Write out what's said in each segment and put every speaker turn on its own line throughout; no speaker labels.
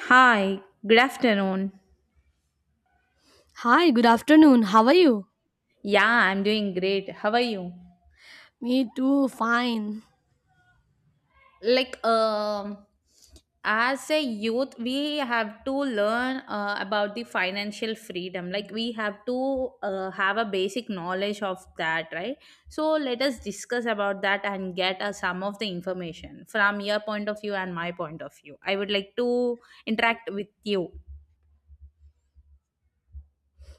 Hi, good afternoon.
Hi, good afternoon. How are you?
Yeah, I'm doing great. How are you?
Me too, fine.
Like, um, as a youth, we have to learn about the financial freedom. Like, we have to have a basic knowledge of that, right? So, let us discuss about that and get some of the information from your point of view and my point of view. I would like to interact with you.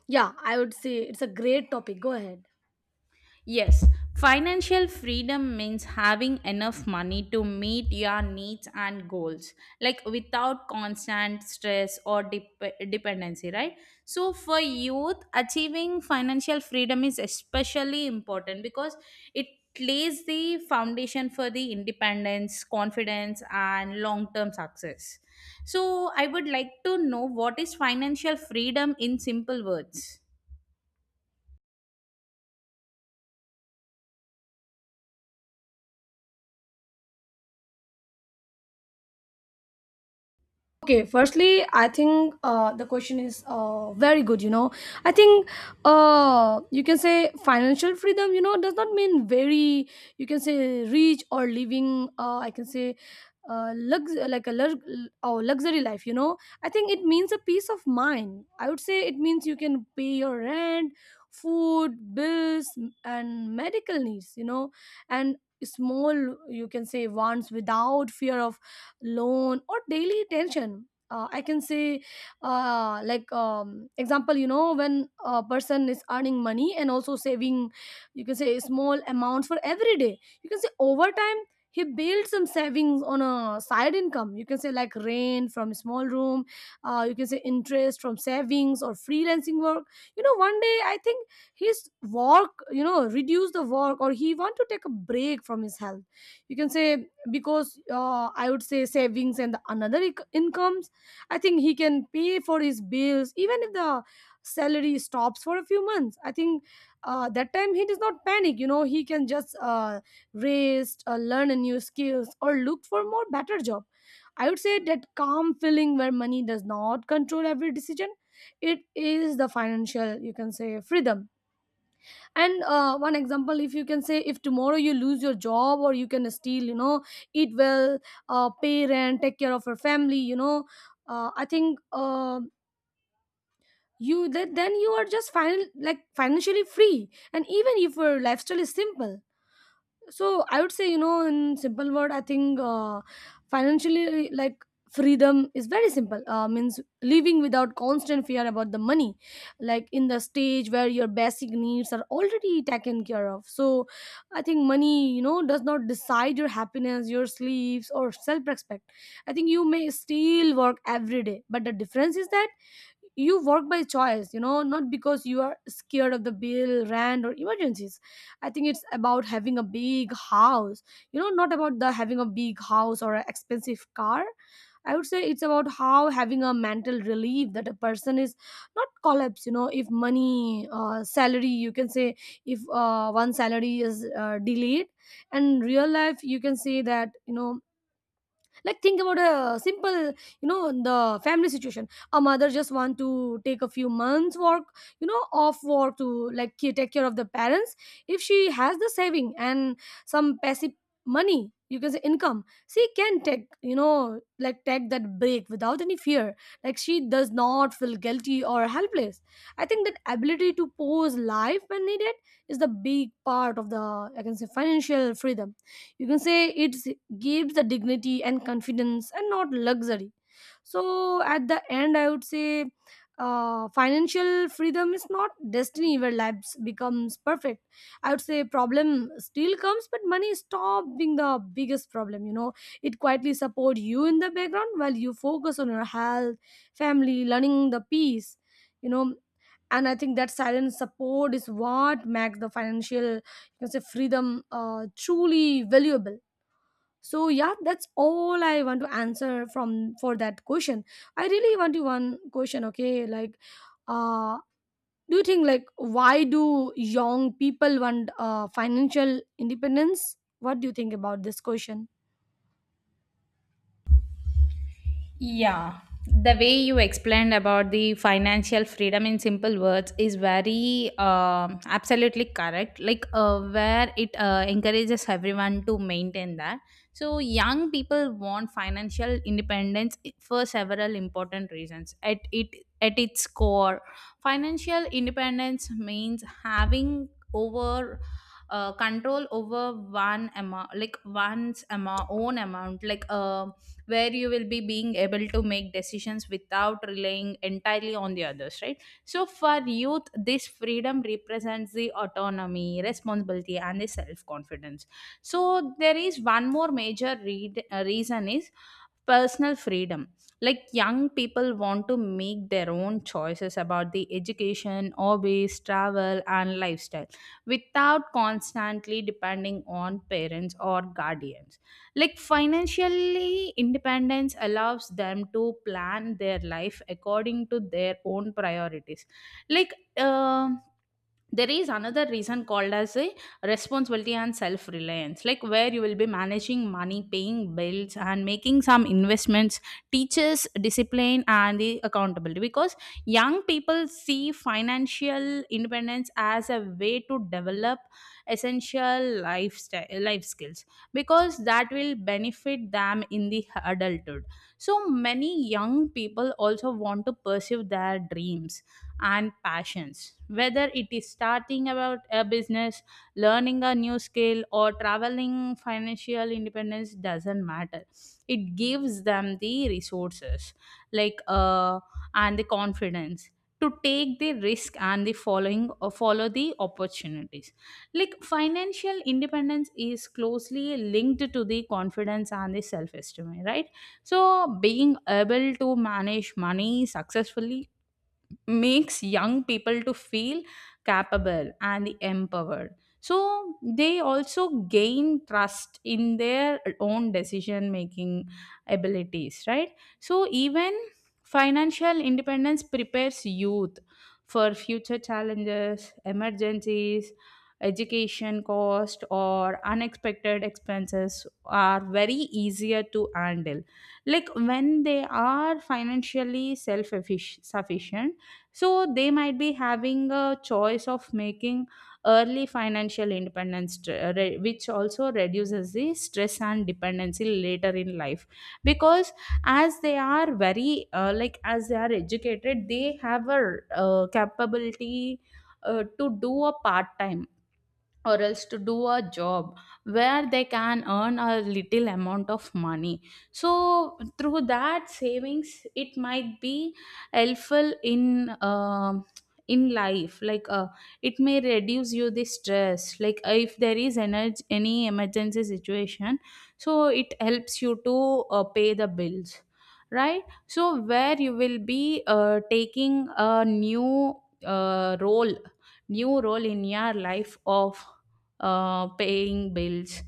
Yeah, I would say it's a great topic. Go ahead.
Yes, financial freedom means having enough money to meet your needs and goals, like without constant stress or dependency, right? So, for youth, achieving financial freedom is especially important because it lays the foundation for the independence, confidence, and long term success. So, I would like to know, what is financial freedom in simple words?
Okay, firstly, I think the question is very good. I think you can say financial freedom, does not mean very, you can say rich or living, I can say uh, lux- like a lux- or luxury life. I think it means a peace of mind. I would say it means you can pay your rent, food, bills, and medical needs, and small, you can say, wants without fear of loan or daily tension, I can say example, when a person is earning money and also saving, you can say small amounts for every day, you can say over time he builds some savings on a side income, you can say like rent from small room, you can say interest from savings or freelancing work. One day I think his work, reduce the work, or he want to take a break from his health, you can say, because, I would say savings and the another incomes, I think he can pay for his bills even if the salary stops for a few months. I think that time he does not panic, he can just rest, learn a new skills or look for more better job. I would say that calm feeling where money does not control every decision, it is the financial, you can say, freedom. And one example: if, you can say, if tomorrow you lose your job, or you can still, eat well, pay rent, take care of your family, I think you that then you are just final like financially free, and even if your lifestyle is simple. So I would say, in simple word I think financially like freedom is very simple, means living without constant fear about the money, like in the stage where your basic needs are already taken care of. So I think money, does not decide your happiness, your sleeps, or self respect. I think you may still work every day, but the difference is that you work by choice, not because you are scared of the bill, rent, or emergencies. I think it's about having a big house. Not about the having a big house or an expensive car. I would say it's about how having a mental relief that a person is not collapse. If money, salary, you can say, if one salary is delayed, and real life, you can say that, like think about a simple, the family situation: a mother just want to take a few months work, off work to like take care of the parents. If she has the saving and some passive money, you can say income, she can take, like take that break without any fear. Like she does not feel guilty or helpless. I think that ability to pause life when needed is the big part of the, I can say, financial freedom. You can say it gives the dignity and confidence and not luxury. So at the end I would say, financial freedom is not destiny where lives becomes perfect. I would say problem still comes, but money stop being the biggest problem, it quietly support you in the background while you focus on your health, family, learning the peace, you know and I think that silent support is what makes the financial, you can say, freedom truly valuable. So yeah, that's all I want to answer from for that question. I really want to one question. Okay, like uh do you think, like, why do young people want financial independence? What do you think about this question?
Yeah, the way you explained about the financial freedom in simple words is very absolutely correct, like where it encourages everyone to maintain that. So young people want financial independence for several important reasons. At its core, financial independence means having over control over one amount like one's amount own amount, like where you will be being able to make decisions without relying entirely on the others, right? So for youth, this freedom represents the autonomy, responsibility and the self confidence. So there is one more major reason is personal freedom. Like young people want to make their own choices about the education, hobbies, travel and lifestyle without constantly depending on parents or guardians. Like financially independence allows them to plan their life according to their own priorities. Like um there is another reason called as a responsibility and self reliance, like where you will be managing money, paying bills and making some investments teaches discipline and the accountability, because young people see financial independence as a way to develop essential lifestyle life skills, because that will benefit them in the adulthood. So many young people also want to pursue their dreams and passions, whether it is starting about a business, learning a new skill, or traveling. Financial independence doesn't matter. It gives them the resources, like and the confidence to take the risk and the follow the opportunities. Like financial independence is closely linked to the confidence and the self esteem, right? So being able to manage money successfully makes young people to feel capable and empowered, so they also gain trust in their own decision making abilities, right? So even financial independence prepares youth for future challenges. Emergencies, education cost or unexpected expenses are very easier to handle, like when they are financially self sufficient. So they might be having a choice of making early financial independence, which also reduces the stress and dependency later in life. Because as they are very like as they are educated, they have a capability to do a part time or else to do a job where they can earn a little amount of money. So through that savings it might be helpful in life, like it may reduce you the stress, like if there is energy, any emergency situation. So it helps you to pay the bills, right? So where you will be taking a new uh, role role in your life of paying bills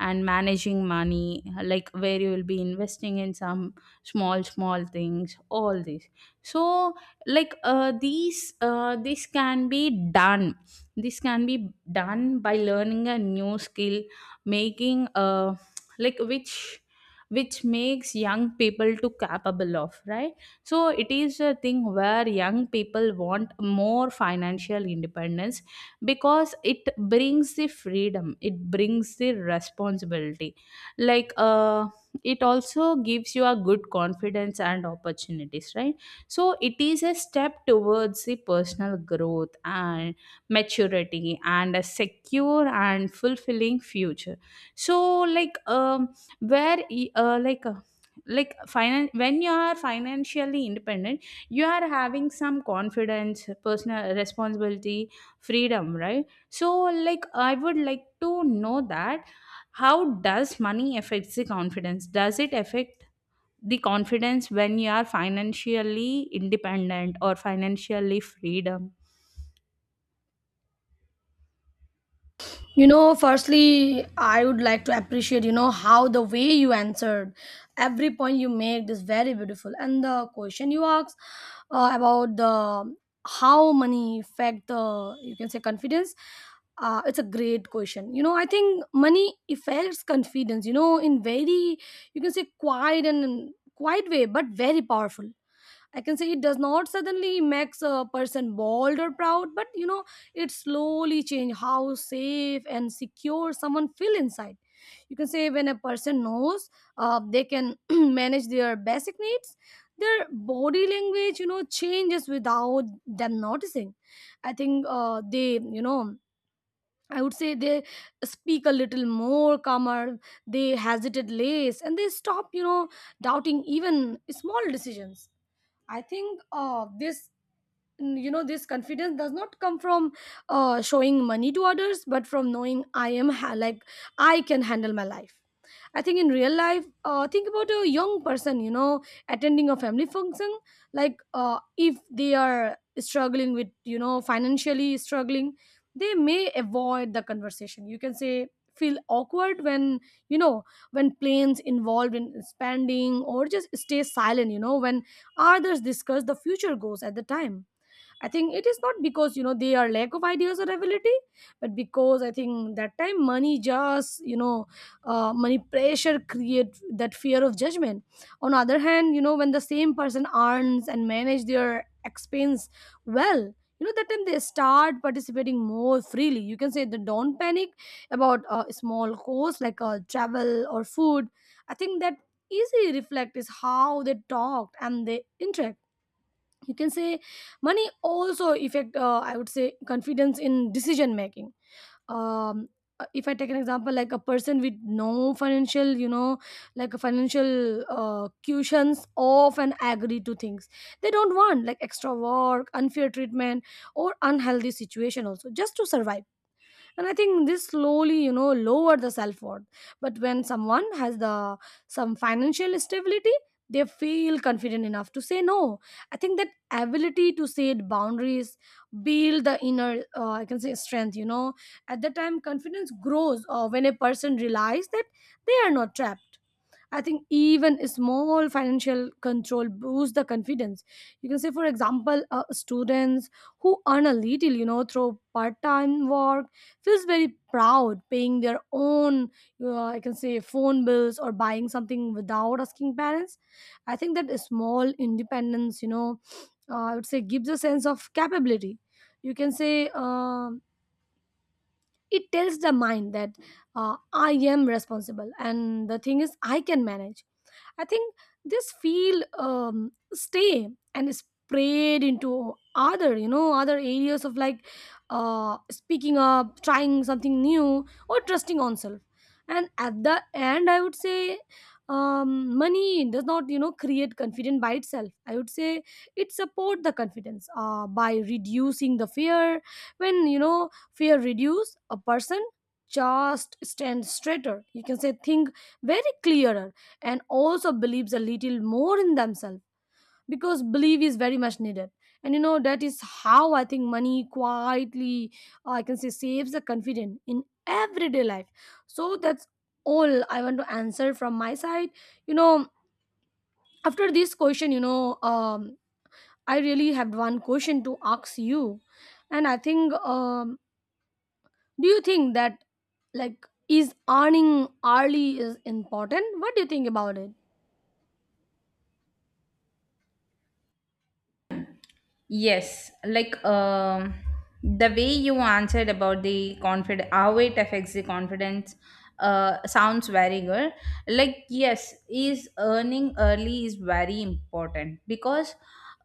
and managing money, like where you will be investing in some small things, all this. So like these done this can be done by learning a new skill, making like which makes young people to capable of, right? So it is a thing where young people want more financial independence, because it brings the freedom, it brings the responsibility, like it also gives you a good confidence and opportunities, right? So it is a step towards the personal growth and maturity and a secure and fulfilling future. So like where y- like finan- when you are financially independent, you are having some confidence, personal responsibility, freedom, right? So like I would like to know that, how does money affects the confidence? Does it affect the confidence when you are financially independent or financially freedom?
Firstly, I would like to appreciate, how the way you answered every point you make is very beautiful. And the question you asked, about the how money affect the, you can say, confidence, it's a great question. I think money affects confidence, in very, you can say, quiet way, but very powerful. I can say it does not suddenly makes a person bold or proud, but it slowly change how safe and secure someone feel inside. You can say when a person knows they can manage their basic needs, their body language, changes without them noticing. I think I would say they speak a little more calmer, they hesitate less, and they stop, doubting even small decisions. I think this, this confidence does not come from showing money to others, but from knowing I am like I can handle my life. I think in real life, think about a young person, attending a family function, like if they are struggling with, financially struggling, they may avoid the conversation, you can say, feel awkward when, you know when plans involved in spending, or just stay silent, when others discuss the future goals at the time. I think it is not because, they are lack of ideas or ability, but because I think that time money just, money pressure create that fear of judgment. On other hand, when the same person earns and manage their expense well. That time they start participating more freely. You can say they don't panic about small costs, like travel or food. I think that easy reflect is how they talked and they interact, you can say. Money also affect, I would say, confidence in decision making. um if I take an example, like a person with no financial, like a financial, cushions, often agree to things they don't want, like extra work, unfair treatment, or unhealthy situation, also just to survive. And I think this slowly, lower the self-worth. But when someone has the some financial stability, they feel confident enough to say no. I think that ability to set boundaries build the inner, I can say, strength. At that time, confidence grows when a person realizes that they are not trapped. I think even a small financial control boosts the confidence. You can say, for example, students who earn a little, through part-time work, feels very proud paying their own, I can say, phone bills, or buying something without asking parents. I think that a small independence, I would say, gives a sense of capability. You can say. It tells the mind that I am responsible, and the thing is, I can manage. I think this feel stay and spread into other, other areas of, like speaking up, trying something new, or trusting oneself. And at the end, I would say money does not, create confidence by itself. I would say it support the confidence by reducing the fear. When, fear reduce, a person just stand straighter. You can say, think very clearer, and also believes a little more in themselves, because belief is very much needed. And that is how I think money quietly, I can say, saves the confidence in everyday life. So that's all I want to answer from my side. you know After this question, I really have one question to ask you. And I think, do you think that, like, is earning early is important? What do you think about it?
Yes, like the way you answered about the confidence, how it affects the confidence, sounds very good. Like yes, is earning early is very important because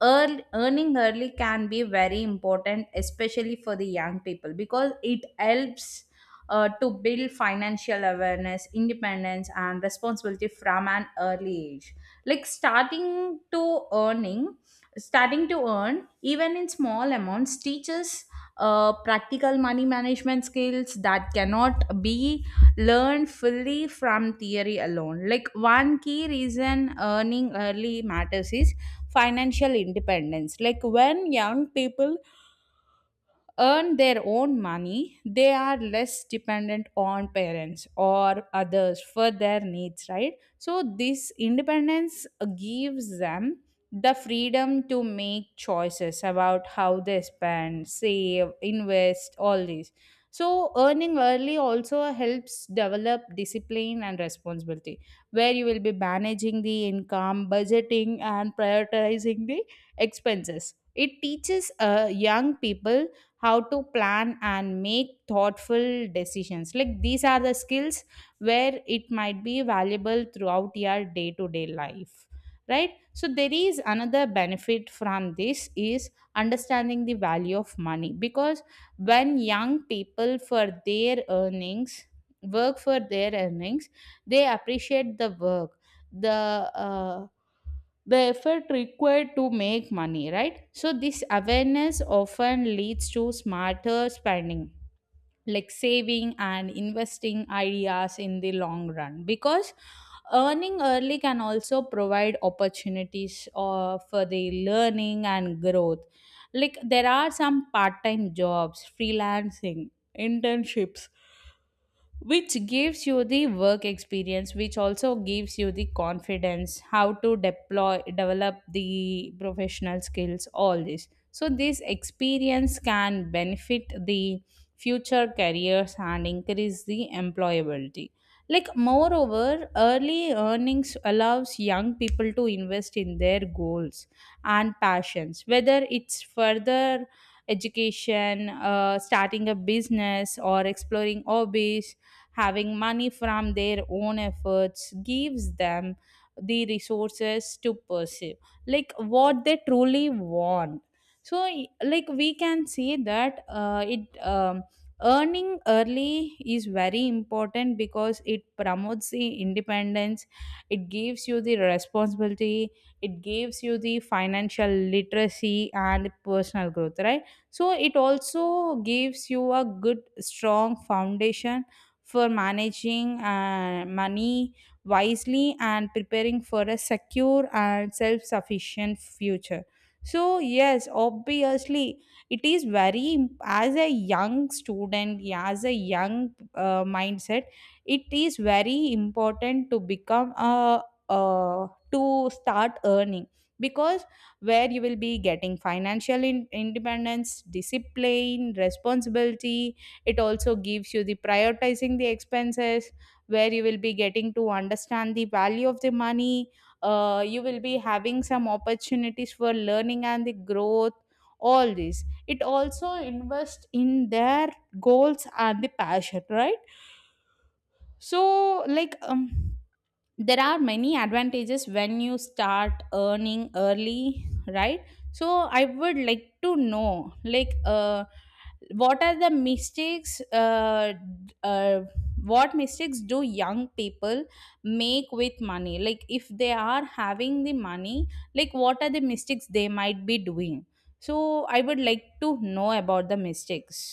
early, earning early can be very important, especially for the young people because it helps. To build financial awareness, independence, and responsibility from an early age. Like starting to earn even in small amounts teaches practical money management skills that cannot be learned fully from theory alone. Like one key reason earning early matters is financial independence. Like when young people earn their own money, they are less dependent on parents or others for their needs, right? So, this independence gives them the freedom to make choices about how they spend, save, invest, all these. So, earning early also helps develop discipline and responsibility, where you will be managing the income, budgeting, and prioritizing the expenses. It teaches young people how to plan and make thoughtful decisions, like these are the skills where it might be valuable throughout your day to day life, right? So there is another benefit from this is understanding the value of money, because when young people for their earnings work for their earnings they appreciate the work, the uh, the effort required to make money, right? So, this awareness often leads to smarter spending, like saving and investing ideas in the long run, because earning early can also provide opportunities for the learning and growth. Like, there are some part time jobs, freelancing, internships, which gives you the work experience, which also gives you the confidence how to deploy develop the professional skills, all this. So this experience can benefit the future careers and increase the employability. Like moreover early earnings allows young people to invest in their goals and passions, whether it's further education, starting a business or exploring hobbies. Having money from their own efforts gives them the resources to pursue like what they truly want. So like we can say that it earning early is very important because it promotes the independence, it gives you the responsibility, it gives you the financial literacy and personal growth, right? So it also gives you a good strong foundation for managing money wisely and preparing for a secure and self sufficient future. So, yes, obviously, it is very, as a young student, as a young mindset, it is very important to start earning, because where you will be getting financial independence, discipline, responsibility. It also gives you the prioritizing the expenses, where you will be getting to understand the value of the money. You will be having some opportunities for learning and the growth, all this. It also invests in their goals and the passion, right? So like there are many advantages when you start earning early, right? So I would like to know, like what are the mistakes d- what mistakes do young people make with money, like if they are having the money, like what are the mistakes they might be doing? So I would like to know about the mistakes.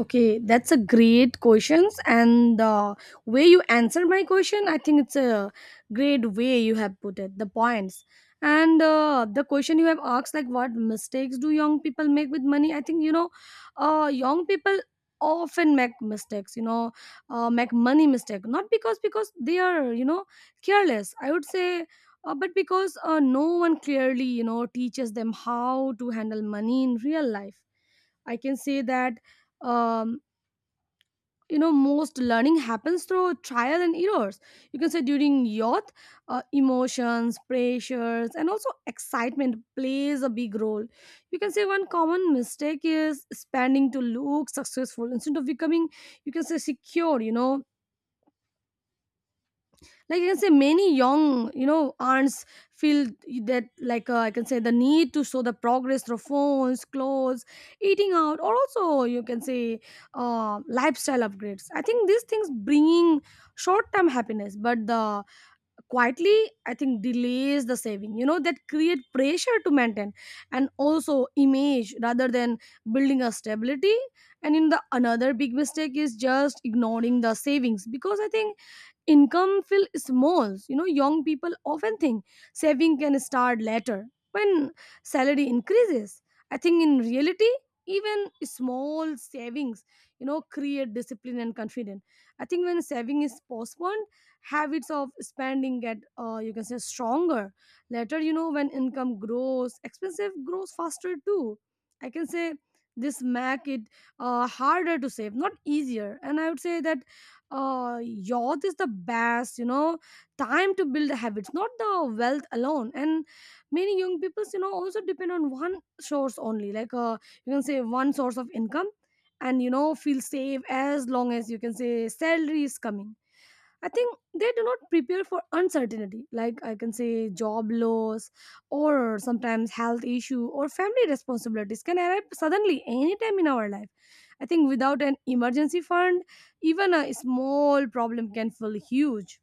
Okay, that's a great questions, and the way you answered my question, I think it's a great way you have put it. The points, and the question you have asked, like what mistakes do young people make with money? I think young people often make mistakes. Make money mistake not because they are, careless, I would say. But because no one clearly, teaches them how to handle money in real life. I can say that, um, most learning happens through trial and errors. You can say during youth, emotions, pressures, and also excitement plays a big role. You can say one common mistake is spending to look successful instead of becoming, you can say, secure. You know, like, I can say many young aunts feel that, like, I can say the need to show the progress through phones, clothes, eating out, or also you can say lifestyle upgrades. I think these things bringing short term happiness, but the quietly, I think, delays the saving, you know, that create pressure to maintain and also image rather than building a stability. And in the another big mistake is just ignoring the savings because I think income feel small. You know, young people often think saving can start later when salary increases. I think in reality, even small savings, you know, create discipline and confidence. I think when saving is postponed, habits of spending get you can say stronger later. You know, when income grows, expensive grows faster too. I can say this make it harder to save, not easier. And I would say that youth is the best, you know, time to build habits, not the wealth alone. And many young people, you know, also depend on one source only, like, you can say one source of income, and, you know, feel safe as long as you can say salary is coming. I think they do not prepare for uncertainty, like I can say job loss or sometimes health issue or family responsibilities can arrive suddenly anytime in our life. I think without an emergency fund, even a small problem can feel huge.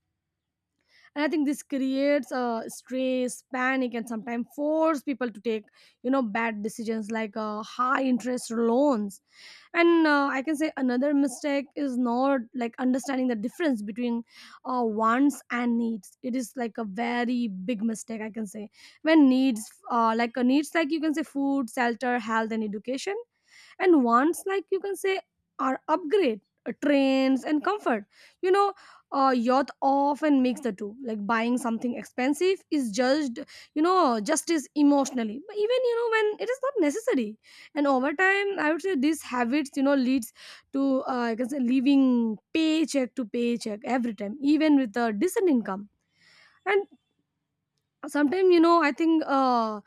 And I think this creates stress, panic, and sometimes force people to take, you know, bad decisions like high interest loans. And I can say another mistake is not like understanding the difference between wants and needs. It is like a very big mistake, I can say, when needs like a needs, like you can say food, shelter, health, and education, and wants, like you can say, are upgrade, trends, and comfort, you know. Youth often makes the two, like buying something expensive is judged, you know, just as emotionally, but even, you know, when it is not necessary. And over time, I would say these habits, you know, leads to I can say living paycheck to paycheck every time, even with a decent income. And sometimes, you know, I think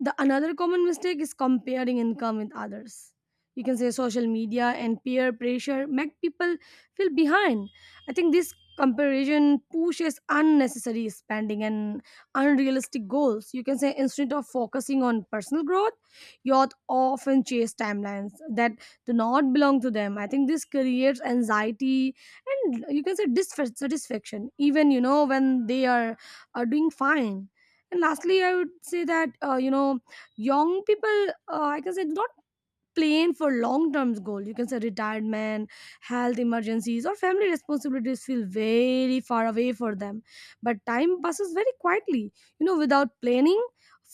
the another common mistake is comparing income with others. You can say social media and peer pressure make people feel behind. I think this comparison pushes unnecessary spending and unrealistic goals. You can say instead of focusing on personal growth, youth often chase timelines that do not belong to them. I think this creates anxiety and you can say dissatisfaction, even, you know, when they are doing fine. And lastly, I would say that, you know, young people I can say do not plan for long term goal. You can say retirement, health emergencies, or family responsibilities feel very far away for them. But time passes very quietly, you know, without planning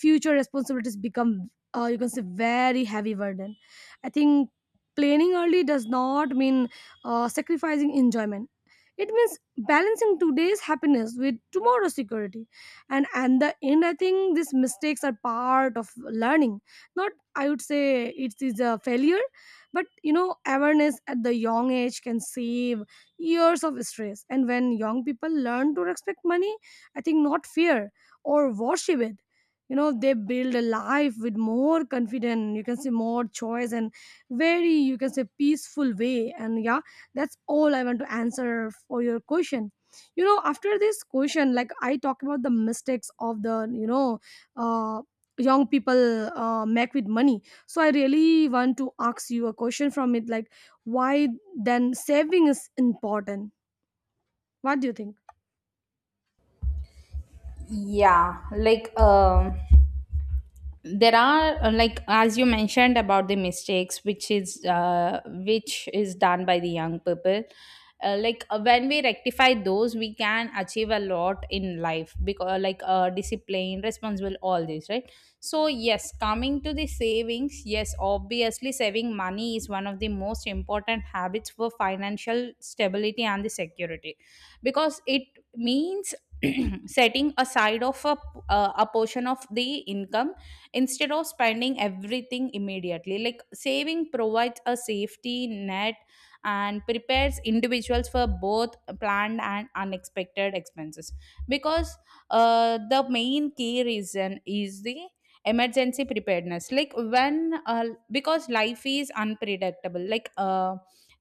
future responsibilities become you can say very heavy burden. I think planning early does not mean sacrificing enjoyment. It means balancing today's happiness with tomorrow's security. And the end, I think these mistakes are part of learning. Not, I would say, it is a failure, but, you know, awareness at the young age can save years of stress. And when young people learn to respect money, I think, not fear or worship it. You know, they build a life with more confidence, you can say more choice, and very, you can say, peaceful way. And yeah, that's all I want to answer for your question. You know, after this question, like, I talk about the mistakes of the, uh, young people make with money. So I really want to ask you a question from it, like, why then saving is important? What do you think?
Yeah, like there are like as you mentioned about the mistakes, which is done by the young people, like when we rectify those we can achieve a lot in life, because like discipline, responsible, all this, right? So yes, coming to the savings, yes, obviously, saving money is one of the most important habits for financial stability and the security, because it means setting aside of a portion of the income instead of spending everything immediately. Like saving provides a safety net and prepares individuals for both planned and unexpected expenses, because the main key reason is the emergency preparedness. Like when because life is unpredictable, like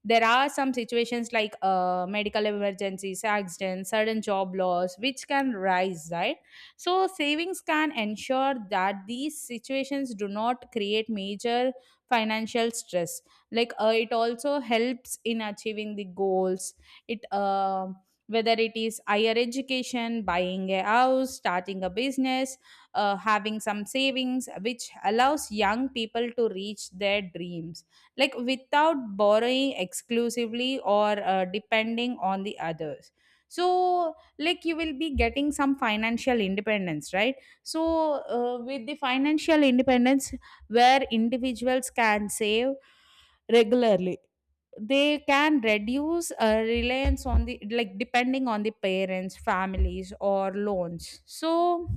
there are some situations, like medical emergencies, accidents, sudden job loss, which can rise, right? So, savings can ensure that these situations do not create major financial stress. Like, it also helps in achieving the goals. It whether it is higher education, buying a house, starting a business, having some savings, which allows young people to reach their dreams like without borrowing exclusively or depending on the others. So like you will be getting some financial independence, right? So with the financial independence, where individuals can save regularly, they can reduce reliance on the, like depending on the parents, families or loans. So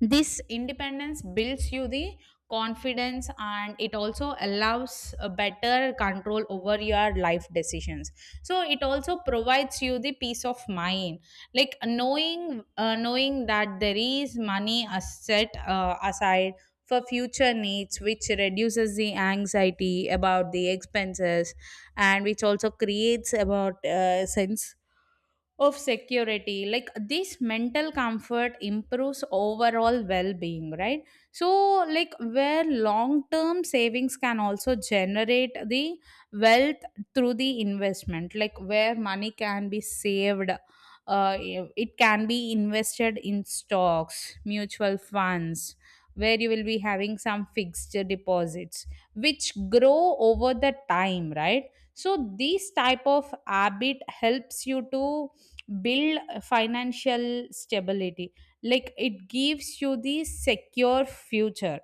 this independence builds you the confidence and it also allows a better control over your life decisions. So it also provides you the peace of mind, like knowing that there is money set aside for future needs, which reduces the anxiety about the expenses and which also creates about sense of security, like this mental comfort improves overall well-being, right? So like where long-term savings can also generate the wealth through the investment, like where money can be saved, it can be invested in stocks, mutual funds, where you will be having some fixed deposits which grow over the time, right? So this type of habit helps you to build financial stability, like it gives you the secure future.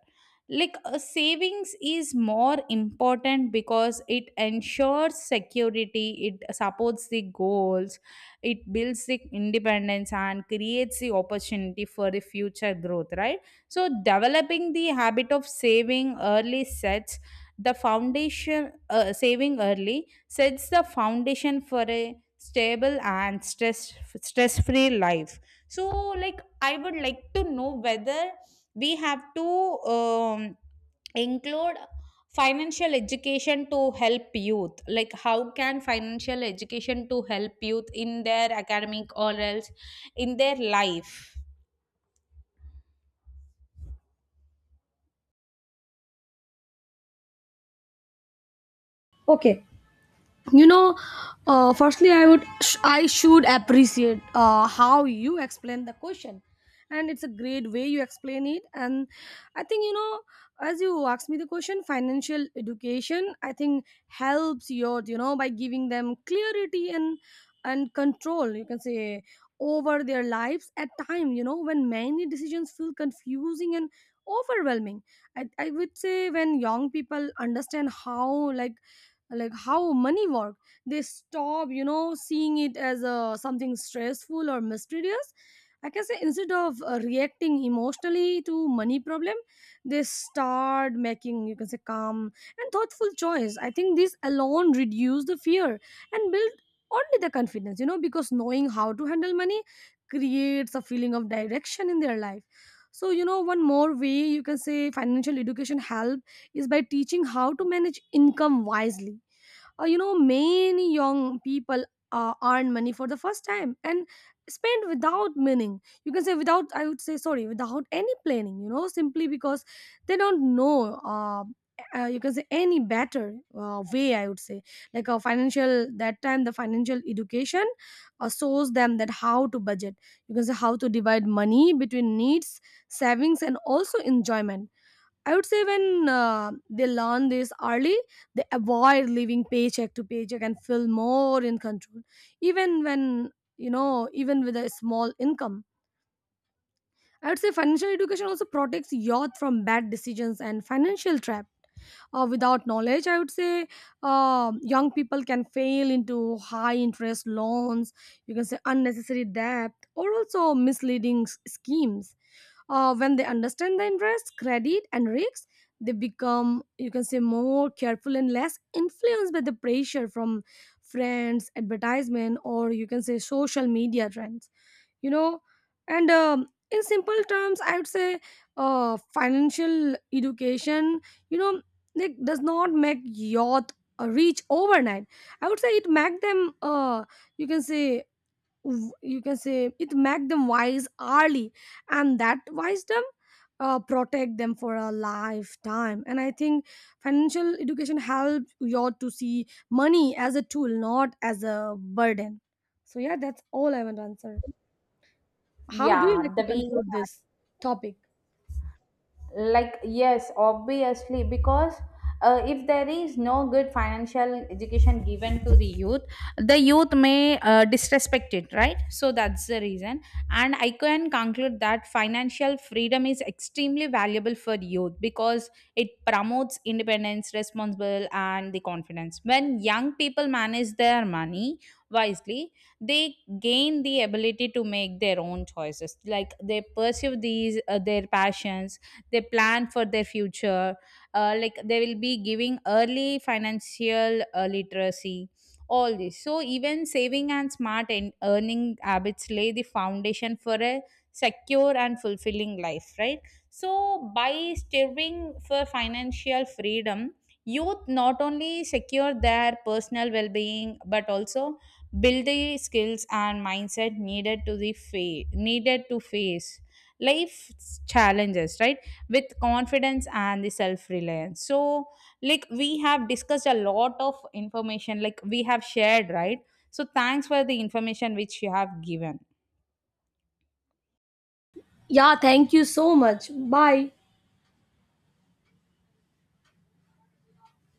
Like a savings is more important because it ensures security, it supports the goals, it builds the independence and creates the opportunity for the future growth, right? So developing the habit of saving early sets the foundation saving early sets the foundation for a stable and stress free life. So like I would like to know whether we have to um, include financial education to help youth. Like, how can financial education to help youth in their academic or else in their life?
Okay, you know, firstly I would I should appreciate how you explain the question, and it's a great way you explain it. And I think, you know, as you asked me the question, financial education, I think, helps youth, you know, by giving them clarity and control, you can say, over their lives at time, you know, when many decisions feel confusing and overwhelming. I would say when young people understand how, like how money work, they stop, you know, seeing it as a something stressful or mysterious. I can say instead of reacting emotionally to money problem, they start making, you can say, calm and thoughtful choice. I think this alone reduce the fear and build only the confidence, you know, because knowing how to handle money creates a feeling of direction in their life. So, you know, one more way, you can say, financial education help is by teaching how to manage income wisely. You know, many young people earn money for the first time and spend without meaning, you can say, without, I would say, sorry, without any planning, you know, simply because they don't know uh, you can say any better way, I would say. Like a financial, that time the financial education shows them that how to budget, you can say how to divide money between needs, savings, and also enjoyment. I would say when they learn this early, they avoid living paycheck to paycheck and feel more in control, even when, you know, even with a small income. I would say financial education also protects youth from bad decisions and financial trap. Without knowledge, I would say young people can fail into high interest loans, you can say unnecessary debt, or also misleading schemes. When they understand the interest, credit, and risks, they become, you can say, more careful and less influenced by the pressure from friends, advertisement, or you can say social media trends, you know. And in simple terms, I would say financial education, you know, it does not make youth rich overnight. I would say it make them you can say you can say it make them wise early, and that wisdom protect them for a lifetime. And I think financial education help you to see money as a tool, not as a burden. So yeah, that's all I want to answer. How do you
Yeah,
like
the
to
way
conclude this topic?
like yes, obviously, because if there is no good financial education given to the youth, the youth may disrespect it, right? So that's the reason. And I can conclude that financial freedom is extremely valuable for youth, because it promotes independence, responsible and the confidence. When young people manage their money wisely, they gain the ability to make their own choices, like they pursue these their passions, they plan for their future, like they will be giving early financial literacy, all this. So even saving and smart earning habits lay the foundation for a secure and fulfilling life, right? So by striving for financial freedom, youth not only secure their personal well-being but also build the skills and mindset needed to face life's challenges, right? With confidence and the self reliance. So like we have discussed a lot of information, like we have shared, right? So thanks for the information which you have given.
Yeah, thank you so much. Bye.